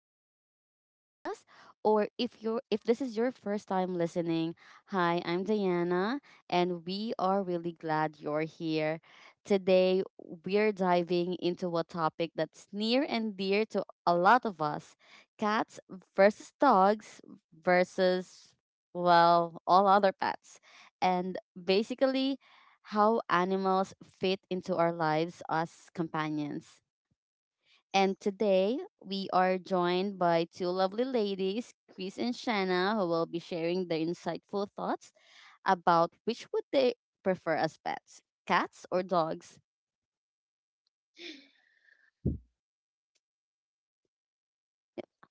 to Rosie's podcast. Or if this is your first time listening, hi, I'm Diana and we are really glad you're here. Today we're diving into a topic that's near and dear to a lot of us. Cats versus dogs versus well, all other pets. And basically how animals fit into our lives as companions. And today we are joined by two lovely ladies, Chris and Shanna, who will be sharing their insightful thoughts about which would they prefer as pets, cats or dogs.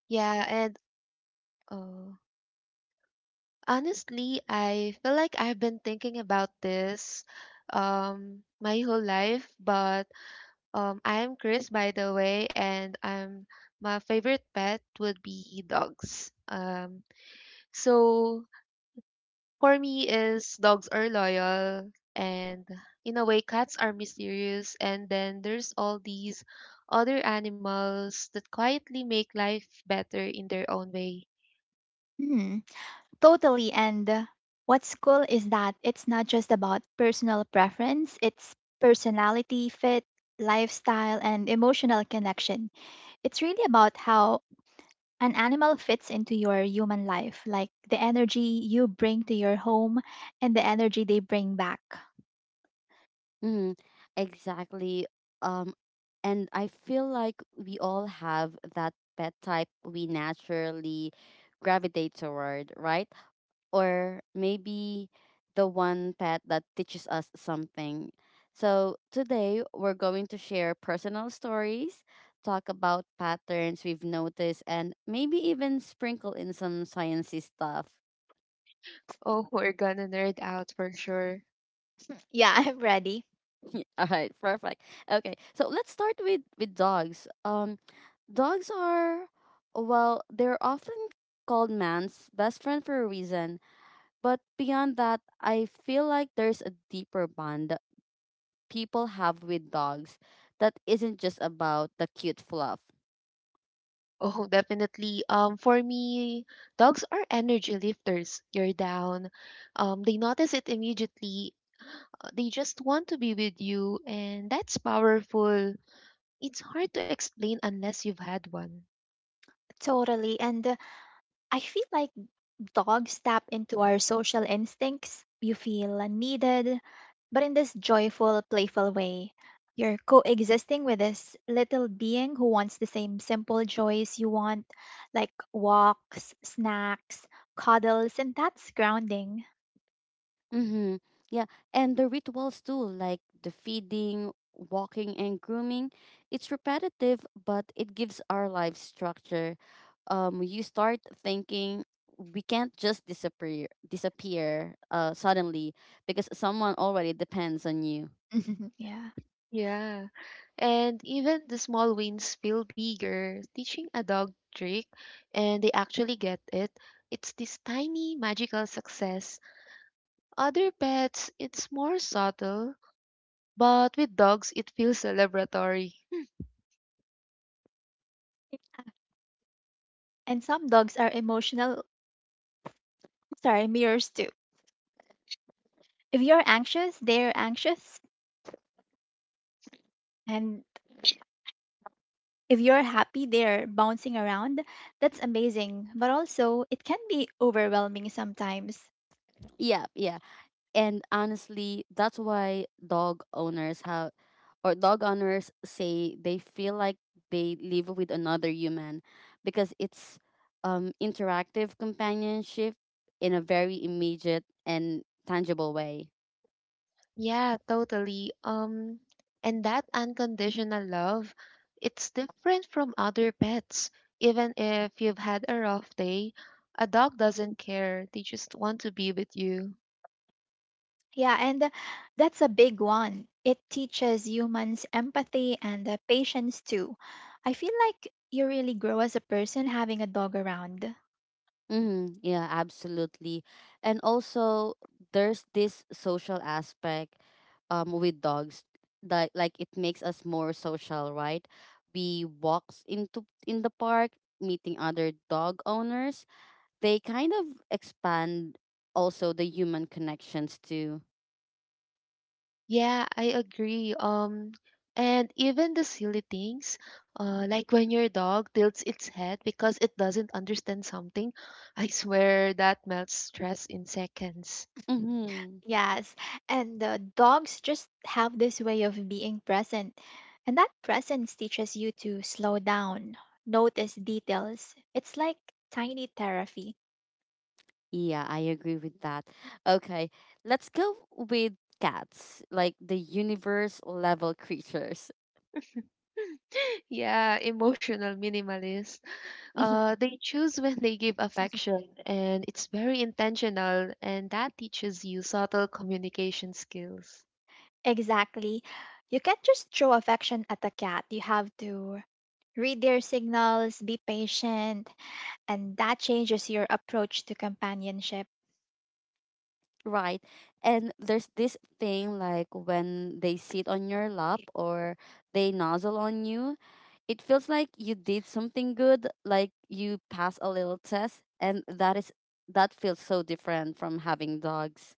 Yeah, and uh, Honestly, I feel like I've been thinking about this my whole life, but I'm Chris by the way, and I'm my favorite pet would be dogs. So for me is dogs are loyal, and in a way cats are mysterious, and then there's all these other animals that quietly make life better in their own way. Hmm, totally. And What's cool is that it's not just about personal preference, it's personality, fit, lifestyle, and emotional connection. It's really about how an animal fits into your human life, like the energy you bring to your home and the energy they bring back. Mm, exactly. Um, and I feel like we all have that pet type we naturally gravitate toward, right? Or maybe the one pet that teaches us something. So, today we're going to share personal stories, talk about patterns we've noticed, and maybe even sprinkle in some sciencey stuff. Oh, we're gonna nerd out for sure. Yeah, I'm ready. All right, perfect. Okay, so let's start with dogs. Dogs are well, they're often called man's best friend for a reason. But beyond that, I feel like there's a deeper bond people have with dogs that isn't just about the cute fluff. Oh, definitely. For me, dogs are energy lifters. You're down. They notice it immediately. They just want to be with you, and that's powerful. It's hard to explain unless you've had one. Totally. And I feel like dogs tap into our social instincts. You feel needed, but in this joyful, playful way. You're coexisting with this little being who wants the same simple joys you want, like walks, snacks, cuddles, and that's grounding. Mm-hmm. Yeah, and the rituals too, like the feeding, walking, and grooming. It's repetitive, but it gives our life structure. You start thinking we can't just disappear suddenly because someone already depends on you. Yeah. Yeah. And even the small wins feel bigger. Teaching a dog trick, and they actually get it. It's this tiny magical success. Other pets, it's more subtle. But with dogs, it feels celebratory. And some dogs are emotional, sorry, mirrors too. If you're anxious, they're anxious. And if you're happy there bouncing around, that's amazing, but also it can be overwhelming sometimes. Yeah, yeah. And honestly, that's why dog owners have, or dog owners say they feel like they live with another human because it's interactive companionship in a very immediate and tangible way. Yeah, totally. And that unconditional love, it's different from other pets. Even if you've had a rough day, a dog doesn't care. They just want to be with you. Yeah, and that's a big one. It teaches humans empathy and patience too. I feel like you really grow as a person having a dog around. Mm-hmm. Yeah, absolutely. And also, there's this social aspect with dogs that like it makes us more social, right? We walks into in the park, meeting other dog owners. They kind of expand also the human connections too. Yeah, I agree. And even the silly things, like when your dog tilts its head because it doesn't understand something, I swear that melts stress in seconds. Mm-hmm. Yes, and dogs just have this way of being present. And that presence teaches you to slow down, notice details. It's like tiny therapy. Yeah, I agree with that. Okay, let's go with cats, like the universe level creatures. Yeah, emotional minimalist. They choose when they give affection, and it's very intentional, and that teaches you subtle communication skills. Exactly. You can't just throw affection at a cat. You have to read their signals, be patient, and that changes your approach to companionship. Right. And there's this thing like when they sit on your lap or they nozzle on you, it feels like you did something good, like you pass a little test, and that feels so different from having dogs.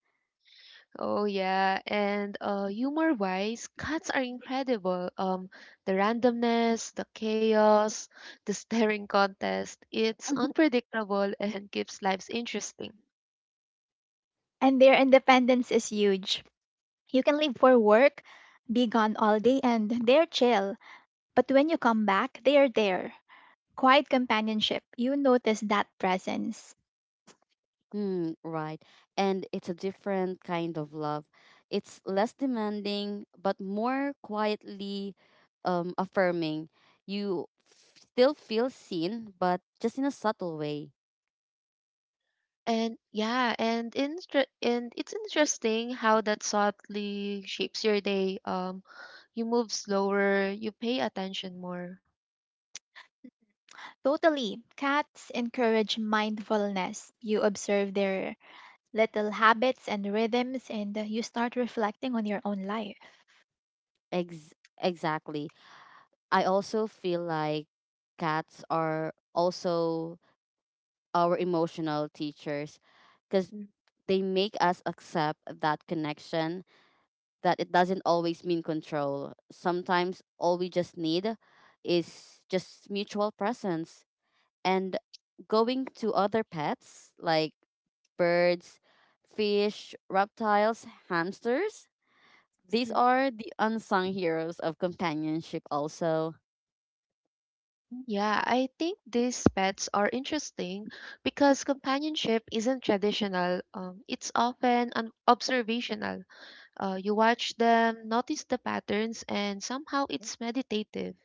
Oh yeah, and humor-wise, cats are incredible. The randomness, the chaos, the staring contest, it's unpredictable and keeps lives interesting. And their independence is huge. You can leave for work, be gone all day, and they're chill. But when you come back, they are there. Quiet companionship. You notice that presence. Mm, right. And it's a different kind of love. It's less demanding, but more quietly affirming. Still feel seen, but just in a subtle way. And it's interesting how that subtly shapes your day. You move slower, you pay attention more. Totally. Cats encourage mindfulness. You observe their little habits and rhythms, and you start reflecting on your own life. Ex- exactly. I also feel like cats are also our emotional teachers because they make us accept that connection, that it doesn't always mean control. Sometimes all we just need is just mutual presence. And going to other pets like birds, fish, reptiles, hamsters, these Mhm. are the unsung heroes of companionship, also. Yeah, I think these pets are interesting because companionship isn't traditional. It's often observational. You watch them, notice the patterns, and somehow it's meditative.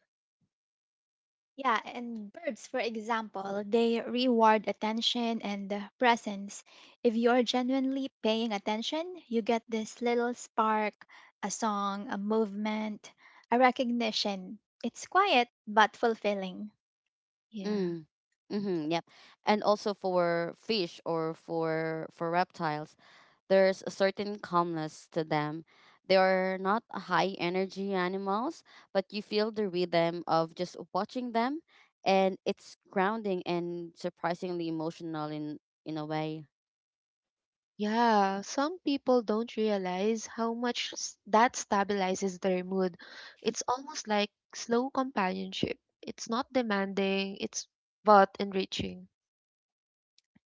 Yeah, and birds, for example, they reward attention and presence. If you're genuinely paying attention, you get this little spark, a song, a movement, a recognition. It's quiet but fulfilling. Yeah. Mm. Mm-hmm, yep. And also for fish or for reptiles, there's a certain calmness to them. They are not high energy animals, but you feel the rhythm of just watching them and it's grounding and surprisingly emotional in a way. Yeah, some people don't realize how much that stabilizes their mood. It's almost like slow companionship. It's not demanding, it's but enriching.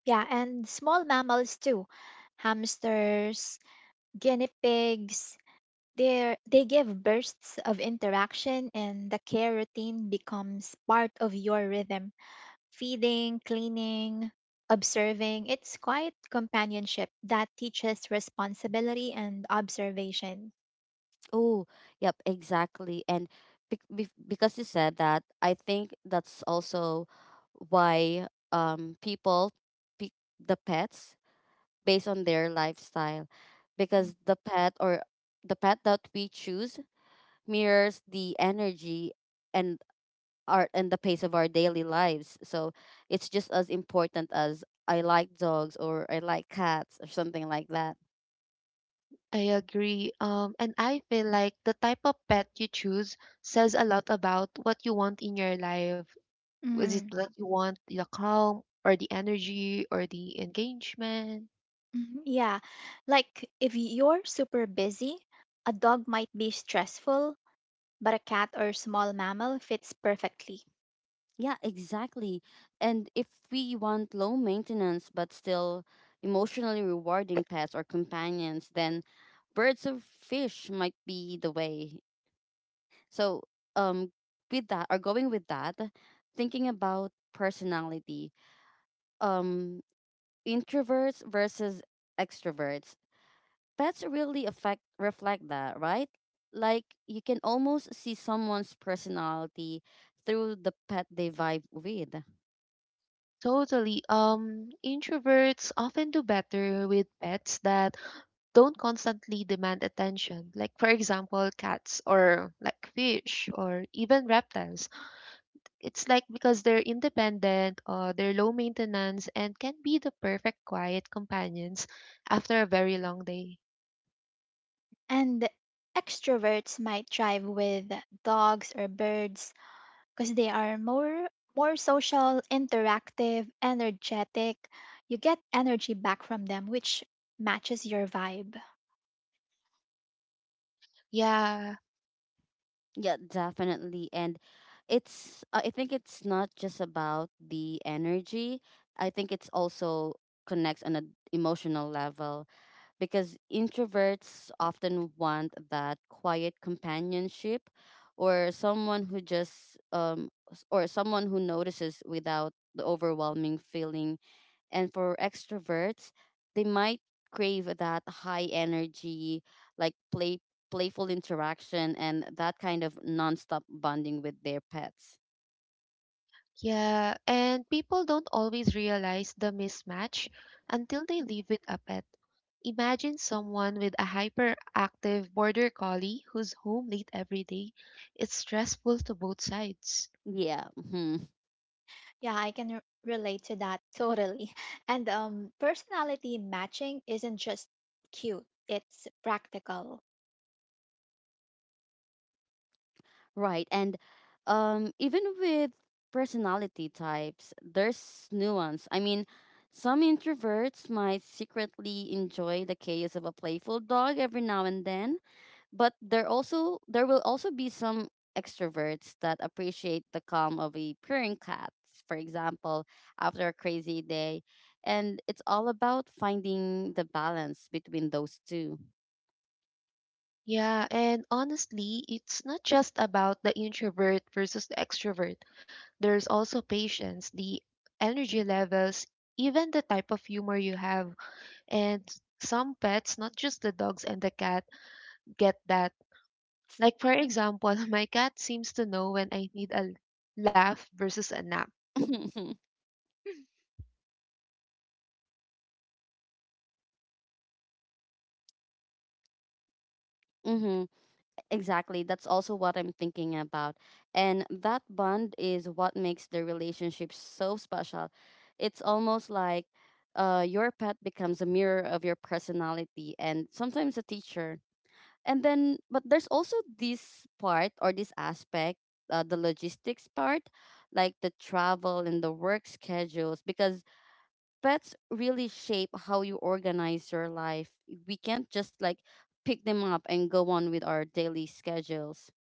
Yeah, and small mammals too, hamsters, guinea pigs, they give bursts of interaction, and the care routine becomes part of your rhythm. Feeding, cleaning, observing, it's quiet companionship that teaches responsibility and observation. Oh, yep, exactly. And because you said that, I think that's also why people pick the pets based on their lifestyle because the pet that we choose mirrors the energy and our and the pace of our daily lives, so it's just as important as I like dogs or I like cats or something like that. I agree. And I feel like the type of pet you choose says a lot about what you want in your life. Is it Mhm. what you want, the calm or the energy or the engagement? Mhm. Yeah, like if you're super busy, a dog might be stressful, but a cat or small mammal fits perfectly. Yeah, exactly. And if we want low maintenance but still emotionally rewarding pets or companions, then birds or fish might be the way. So, um, with that or going with that, thinking about personality, um, introverts versus extroverts, pets really affect reflect that, right? Like you can almost see someone's personality through the pet they vibe with. Totally. Introverts often do better with pets that don't constantly demand attention. Like for example, cats or like fish or even reptiles. It's like because they're independent or they're low maintenance and can be the perfect quiet companions after a very long day. And extroverts might thrive with dogs or birds because they are more social, interactive, energetic. You get energy back from them which matches your vibe. Yeah, Yeah, definitely. And it's I think it's not just about the energy. I think it's also connects on an emotional level because introverts often want that quiet companionship or someone who just or someone who notices without the overwhelming feeling, and for extroverts they might crave that high energy, like playful interaction and that kind of nonstop bonding with their pets. yeah. And people don't always realize the mismatch until they live with a pet. Imagine someone with a hyperactive border collie who's home late every day. It's stressful to both sides. Yeah. Yeah, I can relate to that totally. And personality matching isn't just cute, it's practical. Right. And even with personality types, there's nuance. I mean, some introverts might secretly enjoy the chaos of a playful dog every now and then, but there will also be some extroverts that appreciate the calm of a purring cat, for example, after a crazy day. And it's all about finding the balance between those two. Yeah, and honestly, it's not just about the introvert versus the extrovert. There's also patience, the energy levels, even the type of humor you have. And some pets, not just the dogs and the cat, get that. Like, for example, my cat seems to know when I need a laugh versus a nap. Mm-hmm. Exactly. That's also what I'm thinking about. And that bond is what makes the relationship so special. It's almost like your pet becomes a mirror of your personality and sometimes a teacher. And then, but there's also this aspect, the logistics part, like the travel and the work schedules, because pets really shape how you organize your life. We can't just like pick them up and go on with our daily schedules.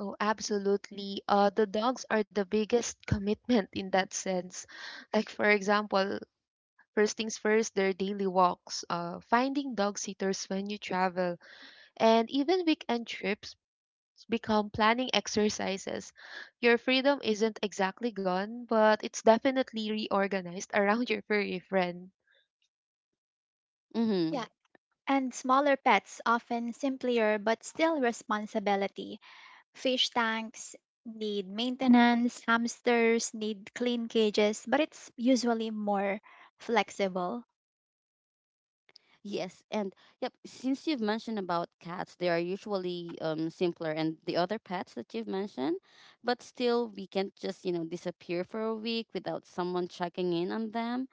Oh, absolutely. The dogs are the biggest commitment in that sense. Like, for example, first things first, their daily walks, finding dog sitters when you travel, and even weekend trips become planning exercises. Your freedom isn't exactly gone, but it's definitely reorganized around your furry friend. Mm-hmm. Yeah, and smaller pets often simpler but still responsibility. Fish tanks need maintenance, hamsters need clean cages, but it's usually more flexible. Yes, and yep. Since you've mentioned about cats, they are usually simpler, and the other pets that you've mentioned, but still we can't just you know disappear for a week without someone checking in on them,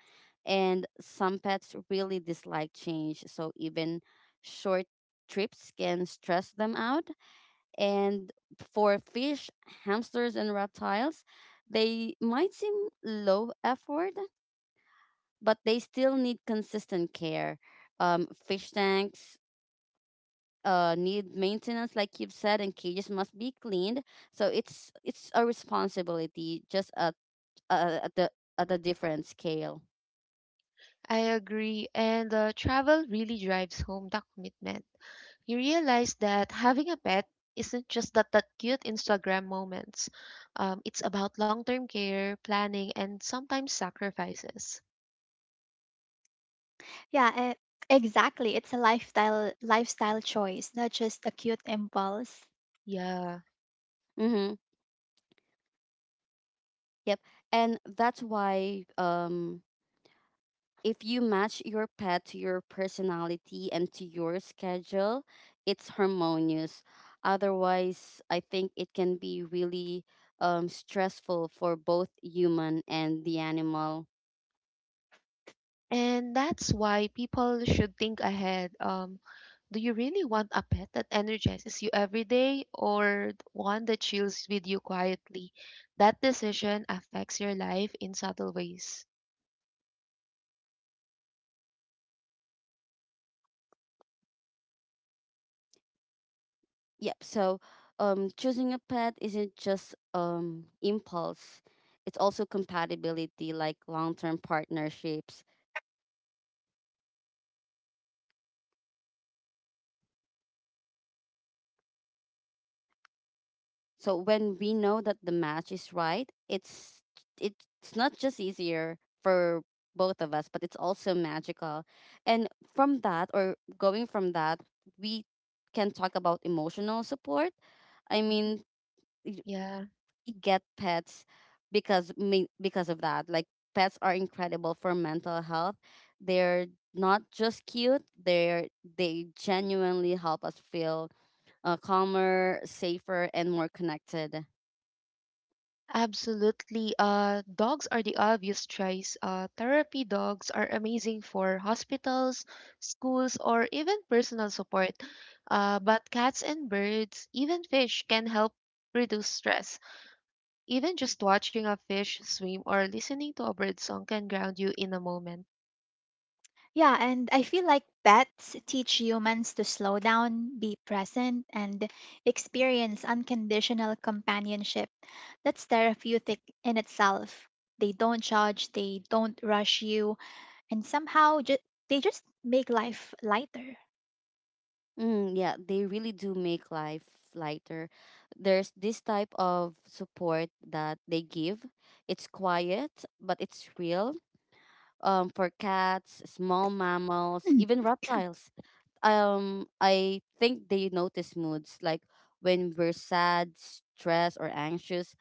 and some pets really dislike change, so even short trips can stress them out. And for fish, hamsters, and reptiles, they might seem low effort but they still need consistent care. Fish tanks need maintenance, like you've said, and cages must be cleaned. So it's a responsibility, just at the at a different scale. I agree, and travel really drives home that commitment. You realize that having a pet isn't just that, cute Instagram moments. It's about long term care, planning, and sometimes sacrifices. Yeah, exactly. It's a lifestyle choice, not just a cute impulse. Yeah. Mm-hmm. Yep, and that's why if you match your pet to your personality and to your schedule, it's harmonious. Otherwise, I think it can be really stressful for both human and the animal. And that's why people should think ahead. Do you really want a pet that energizes you every day or one that chills with you quietly? That decision affects your life in subtle ways. Yep. So, choosing a pet isn't just impulse; it's also compatibility, like long-term partnerships. So when we know that the match is right, it's not just easier for both of us, but it's also magical. And from that or going from that, we can talk about emotional support. I Mhm. mean, y- Yeah. you get pets because of that. Like pets are incredible for mental health. They're not just cute; they genuinely help us feel calmer, safer, and more connected. Absolutely. Dogs are the obvious choice. Therapy dogs are amazing for hospitals, schools, or even personal support. But cats and birds, even fish, can help reduce stress. Even just watching a fish swim or listening to a bird song can ground you in a moment. Yeah, and I feel like pets teach humans to slow down, be present, and experience unconditional companionship. That's therapeutic in itself. They don't judge, they don't rush you, and somehow they just make life lighter. Mm, yeah, they really do make life lighter. There's this type of support that they give. It's quiet, but it's real. For cats, small mammals, even reptiles. I think they notice moods like when we're sad, stressed, or anxious.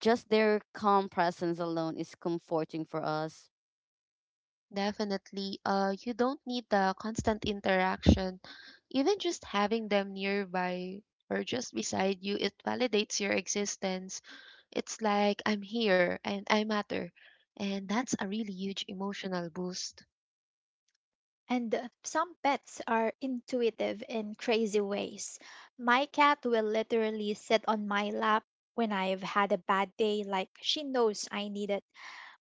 Just their calm presence alone is comforting for us. Definitely. You don't need the constant interaction. Even just having them nearby or just beside you, it validates your existence. It's like I'm here and I matter. And that's a really huge emotional boost. And some pets are intuitive in crazy ways. My cat will literally sit on my lap when I've had a bad day, like she knows I need it.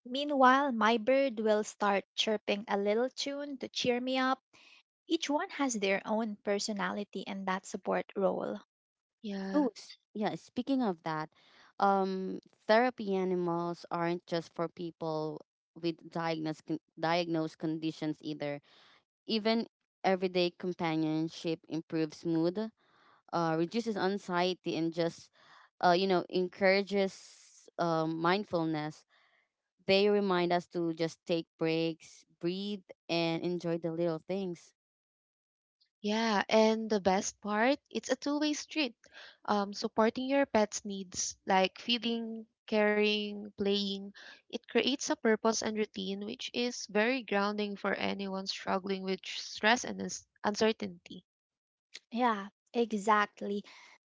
Meanwhile, my bird will start chirping a little tune to cheer me up. Each one has their own personality and that support role. Yeah. Yeah. Speaking of that, um, therapy animals aren't just for people with diagnosed conditions either. Even everyday companionship improves mood, reduces anxiety, and just, you know, encourages mindfulness. They remind us to just take breaks, breathe, and enjoy the little things. Yeah, and the best part, it's a two-way street. Supporting your pet's needs, like feeding, caring, playing, it creates a purpose and routine, which is very grounding for anyone struggling with stress and uncertainty. Yeah, exactly.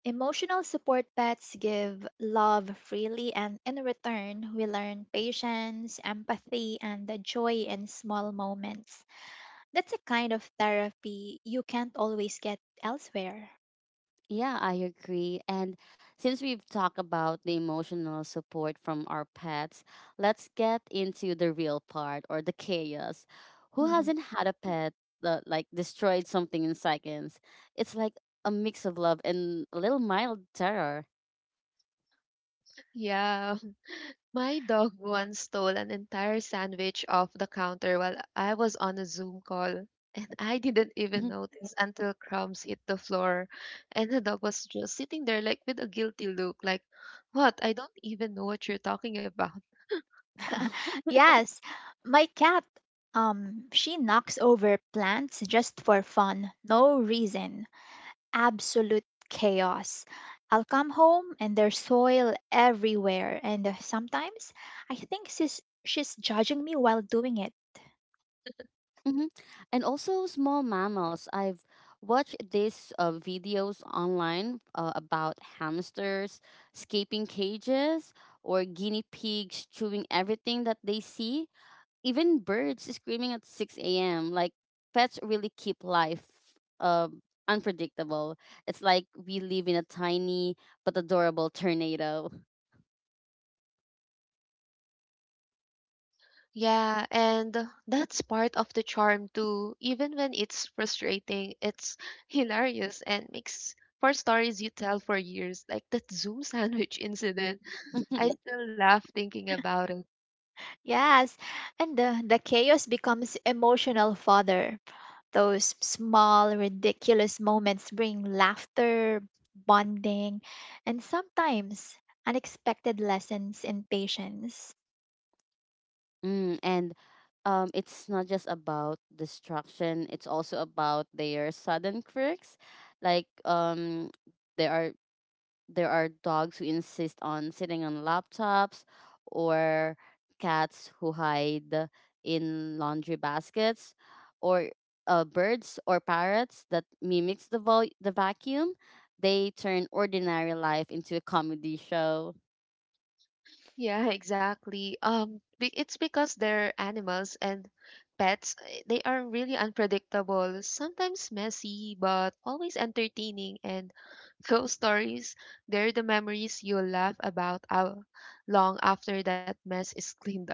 Emotional support pets give love freely, and in return, we learn patience, empathy, and the joy in small moments. That's a kind of therapy you can't always get elsewhere. Yeah, I agree. And since we've talked about the emotional support from our pets, let's get into the real part or the chaos. Who Mhm. hasn't had a pet that like destroyed something in seconds? It's like a mix of love and a little mild terror. Yeah. My dog once stole an entire sandwich off the counter while I was on a Zoom call, and I didn't even notice until crumbs hit the floor. And the dog was just sitting there, like with a guilty look, like, "What? I don't even know what you're talking about." Yes, my cat, she knocks over plants just for fun, no reason. Absolute chaos. I'll come home and there's soil everywhere, and sometimes I think she's judging me while doing it. Mm-hmm. And also small mammals. I've watched these videos online about hamsters escaping cages or guinea pigs chewing everything that they see. Even birds screaming at 6 a.m. Like pets really keep life uh, unpredictable. It's like we live in a tiny but adorable tornado. Yeah, and that's part of the charm too. Even when it's frustrating, it's hilarious and makes for stories you tell for years, like that Zoom sandwich incident. I still laugh thinking about it. Yes, and the chaos becomes emotional fodder. Those small, ridiculous moments bring laughter, bonding, and sometimes unexpected lessons in patience. Mm, and it's not just about distraction, it's also about their sudden quirks. Like there are there are dogs who insist on sitting on laptops, or cats who hide in laundry baskets, or birds or parrots that mimics the vacuum. They turn ordinary life into a comedy show. Yeah, exactly. It's because they're animals and pets. They are really unpredictable, sometimes messy, but always entertaining. And those stories, they're the memories you'll laugh about long after that mess is cleaned up.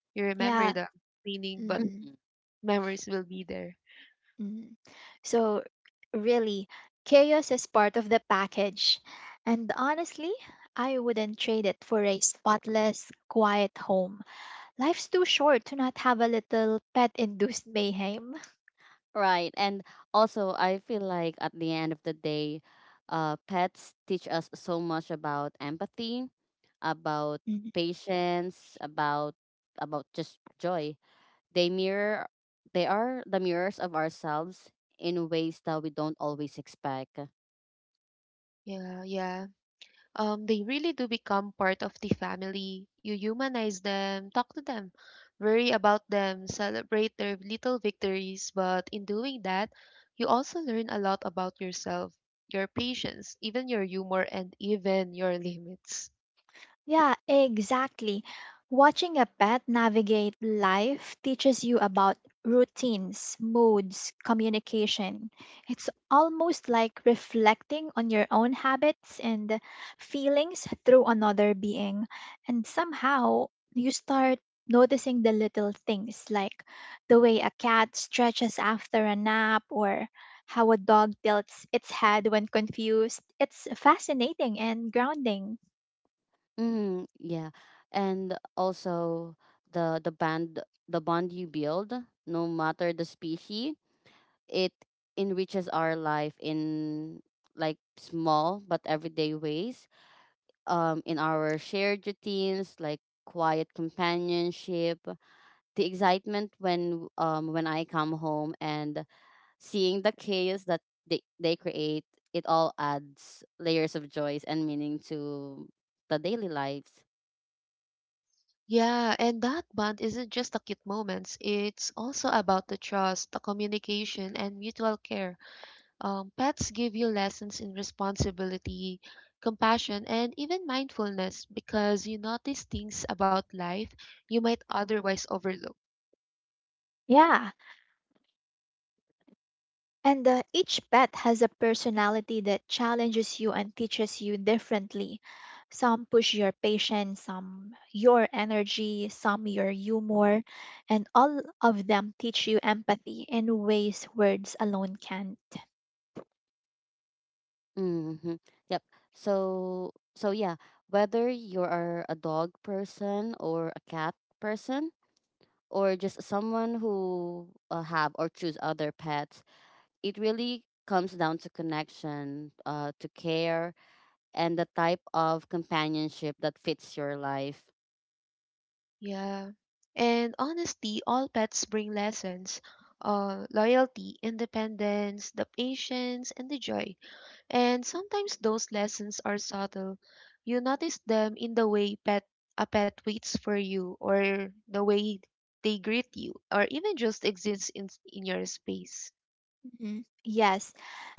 You remember Yeah. the cleaning, but Mm-hmm. memories will be there. Mm. So, really, chaos is part of the package. And honestly, I wouldn't trade it for a spotless, quiet home. Life's too short to not have a little pet induced mayhem. Right. And also, I feel like at the end of the day, pets teach us so much about empathy, about patience, about just joy. They mirror they are the mirrors of ourselves in ways that we don't always expect. Yeah, yeah. They really do become part of the family. You humanize them, talk to them, worry about them, celebrate their little victories. But in doing that, you also learn a lot about yourself, your patience, even your humor, and even your limits. Yeah, exactly. Watching a pet navigate life teaches you about routines, moods, communication. It's almost like reflecting on your own habits and feelings through another being. And somehow you start noticing the little things like the way a cat stretches after a nap or how a dog tilts its head when confused. It's fascinating and grounding. Mm, yeah. And also the the band the bond you build, no matter the species, it enriches our life in like small but everyday ways in our shared routines, like quiet companionship, the excitement when I come home and seeing the chaos that they create. It all adds layers of joys and meaning to the daily lives. Yeah, and that bond isn't just the cute moments, it's also about the trust, the communication, and mutual care. Pets give you lessons in responsibility, compassion, and even mindfulness because you notice things about life you might otherwise overlook. Yeah. And each pet has a personality that challenges you and teaches you differently. Some push your patience, some your energy, some your humor, and all of them teach you empathy in ways words alone can't. Mm-hmm. Yep. So yeah, whether you're a dog person or a cat person or just someone who have or choose other pets, it really comes down to connection, to care, and the type of companionship that fits your life. Yeah. And honestly, all pets bring lessons loyalty, independence, the patience, and the joy. And sometimes those lessons are subtle. You notice them in the way pet a pet waits for you, or the way they greet you, or even just exists in your space. Mhm. Yes.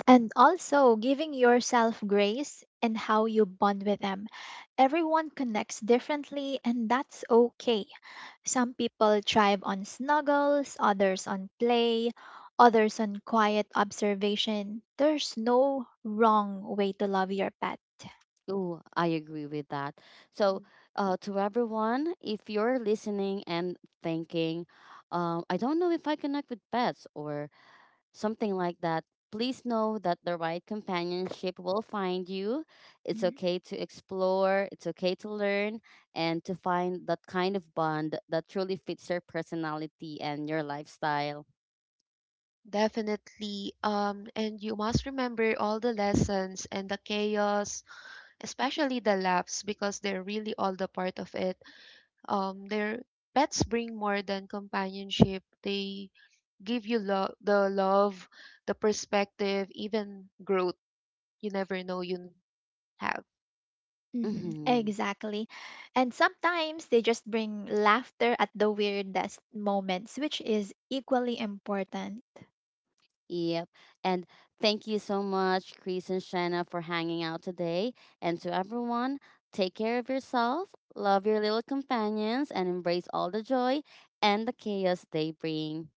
And also giving yourself grace and how you bond with them. Everyone connects differently, and that's okay. Some people thrive on snuggles, others on play, others on quiet observation. There's no wrong way to love your pet. Oh, I agree with that. So Mm. To everyone, if you're listening and thinking, I don't know if I connect with pets or something like that. Please know that the right companionship will find you. It's okay to explore, it's okay to learn, and to find that kind of bond that truly fits your personality and your lifestyle. Definitely. And you must remember all the lessons and the chaos, especially the laughs, because they're really all the part of it. Their Pets bring more than companionship. They give you the love, the perspective, even growth. You never know. You have. Mm-hmm. Hmm. Exactly. And sometimes they just bring laughter at the weirdest moments, which is equally important. Yep. And thank you so much, Chris and Shanna, for hanging out today. And to everyone, take care of yourself, love your little companions, and embrace all the joy and the chaos they bring.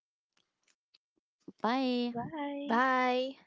Bye. Bye. Bye.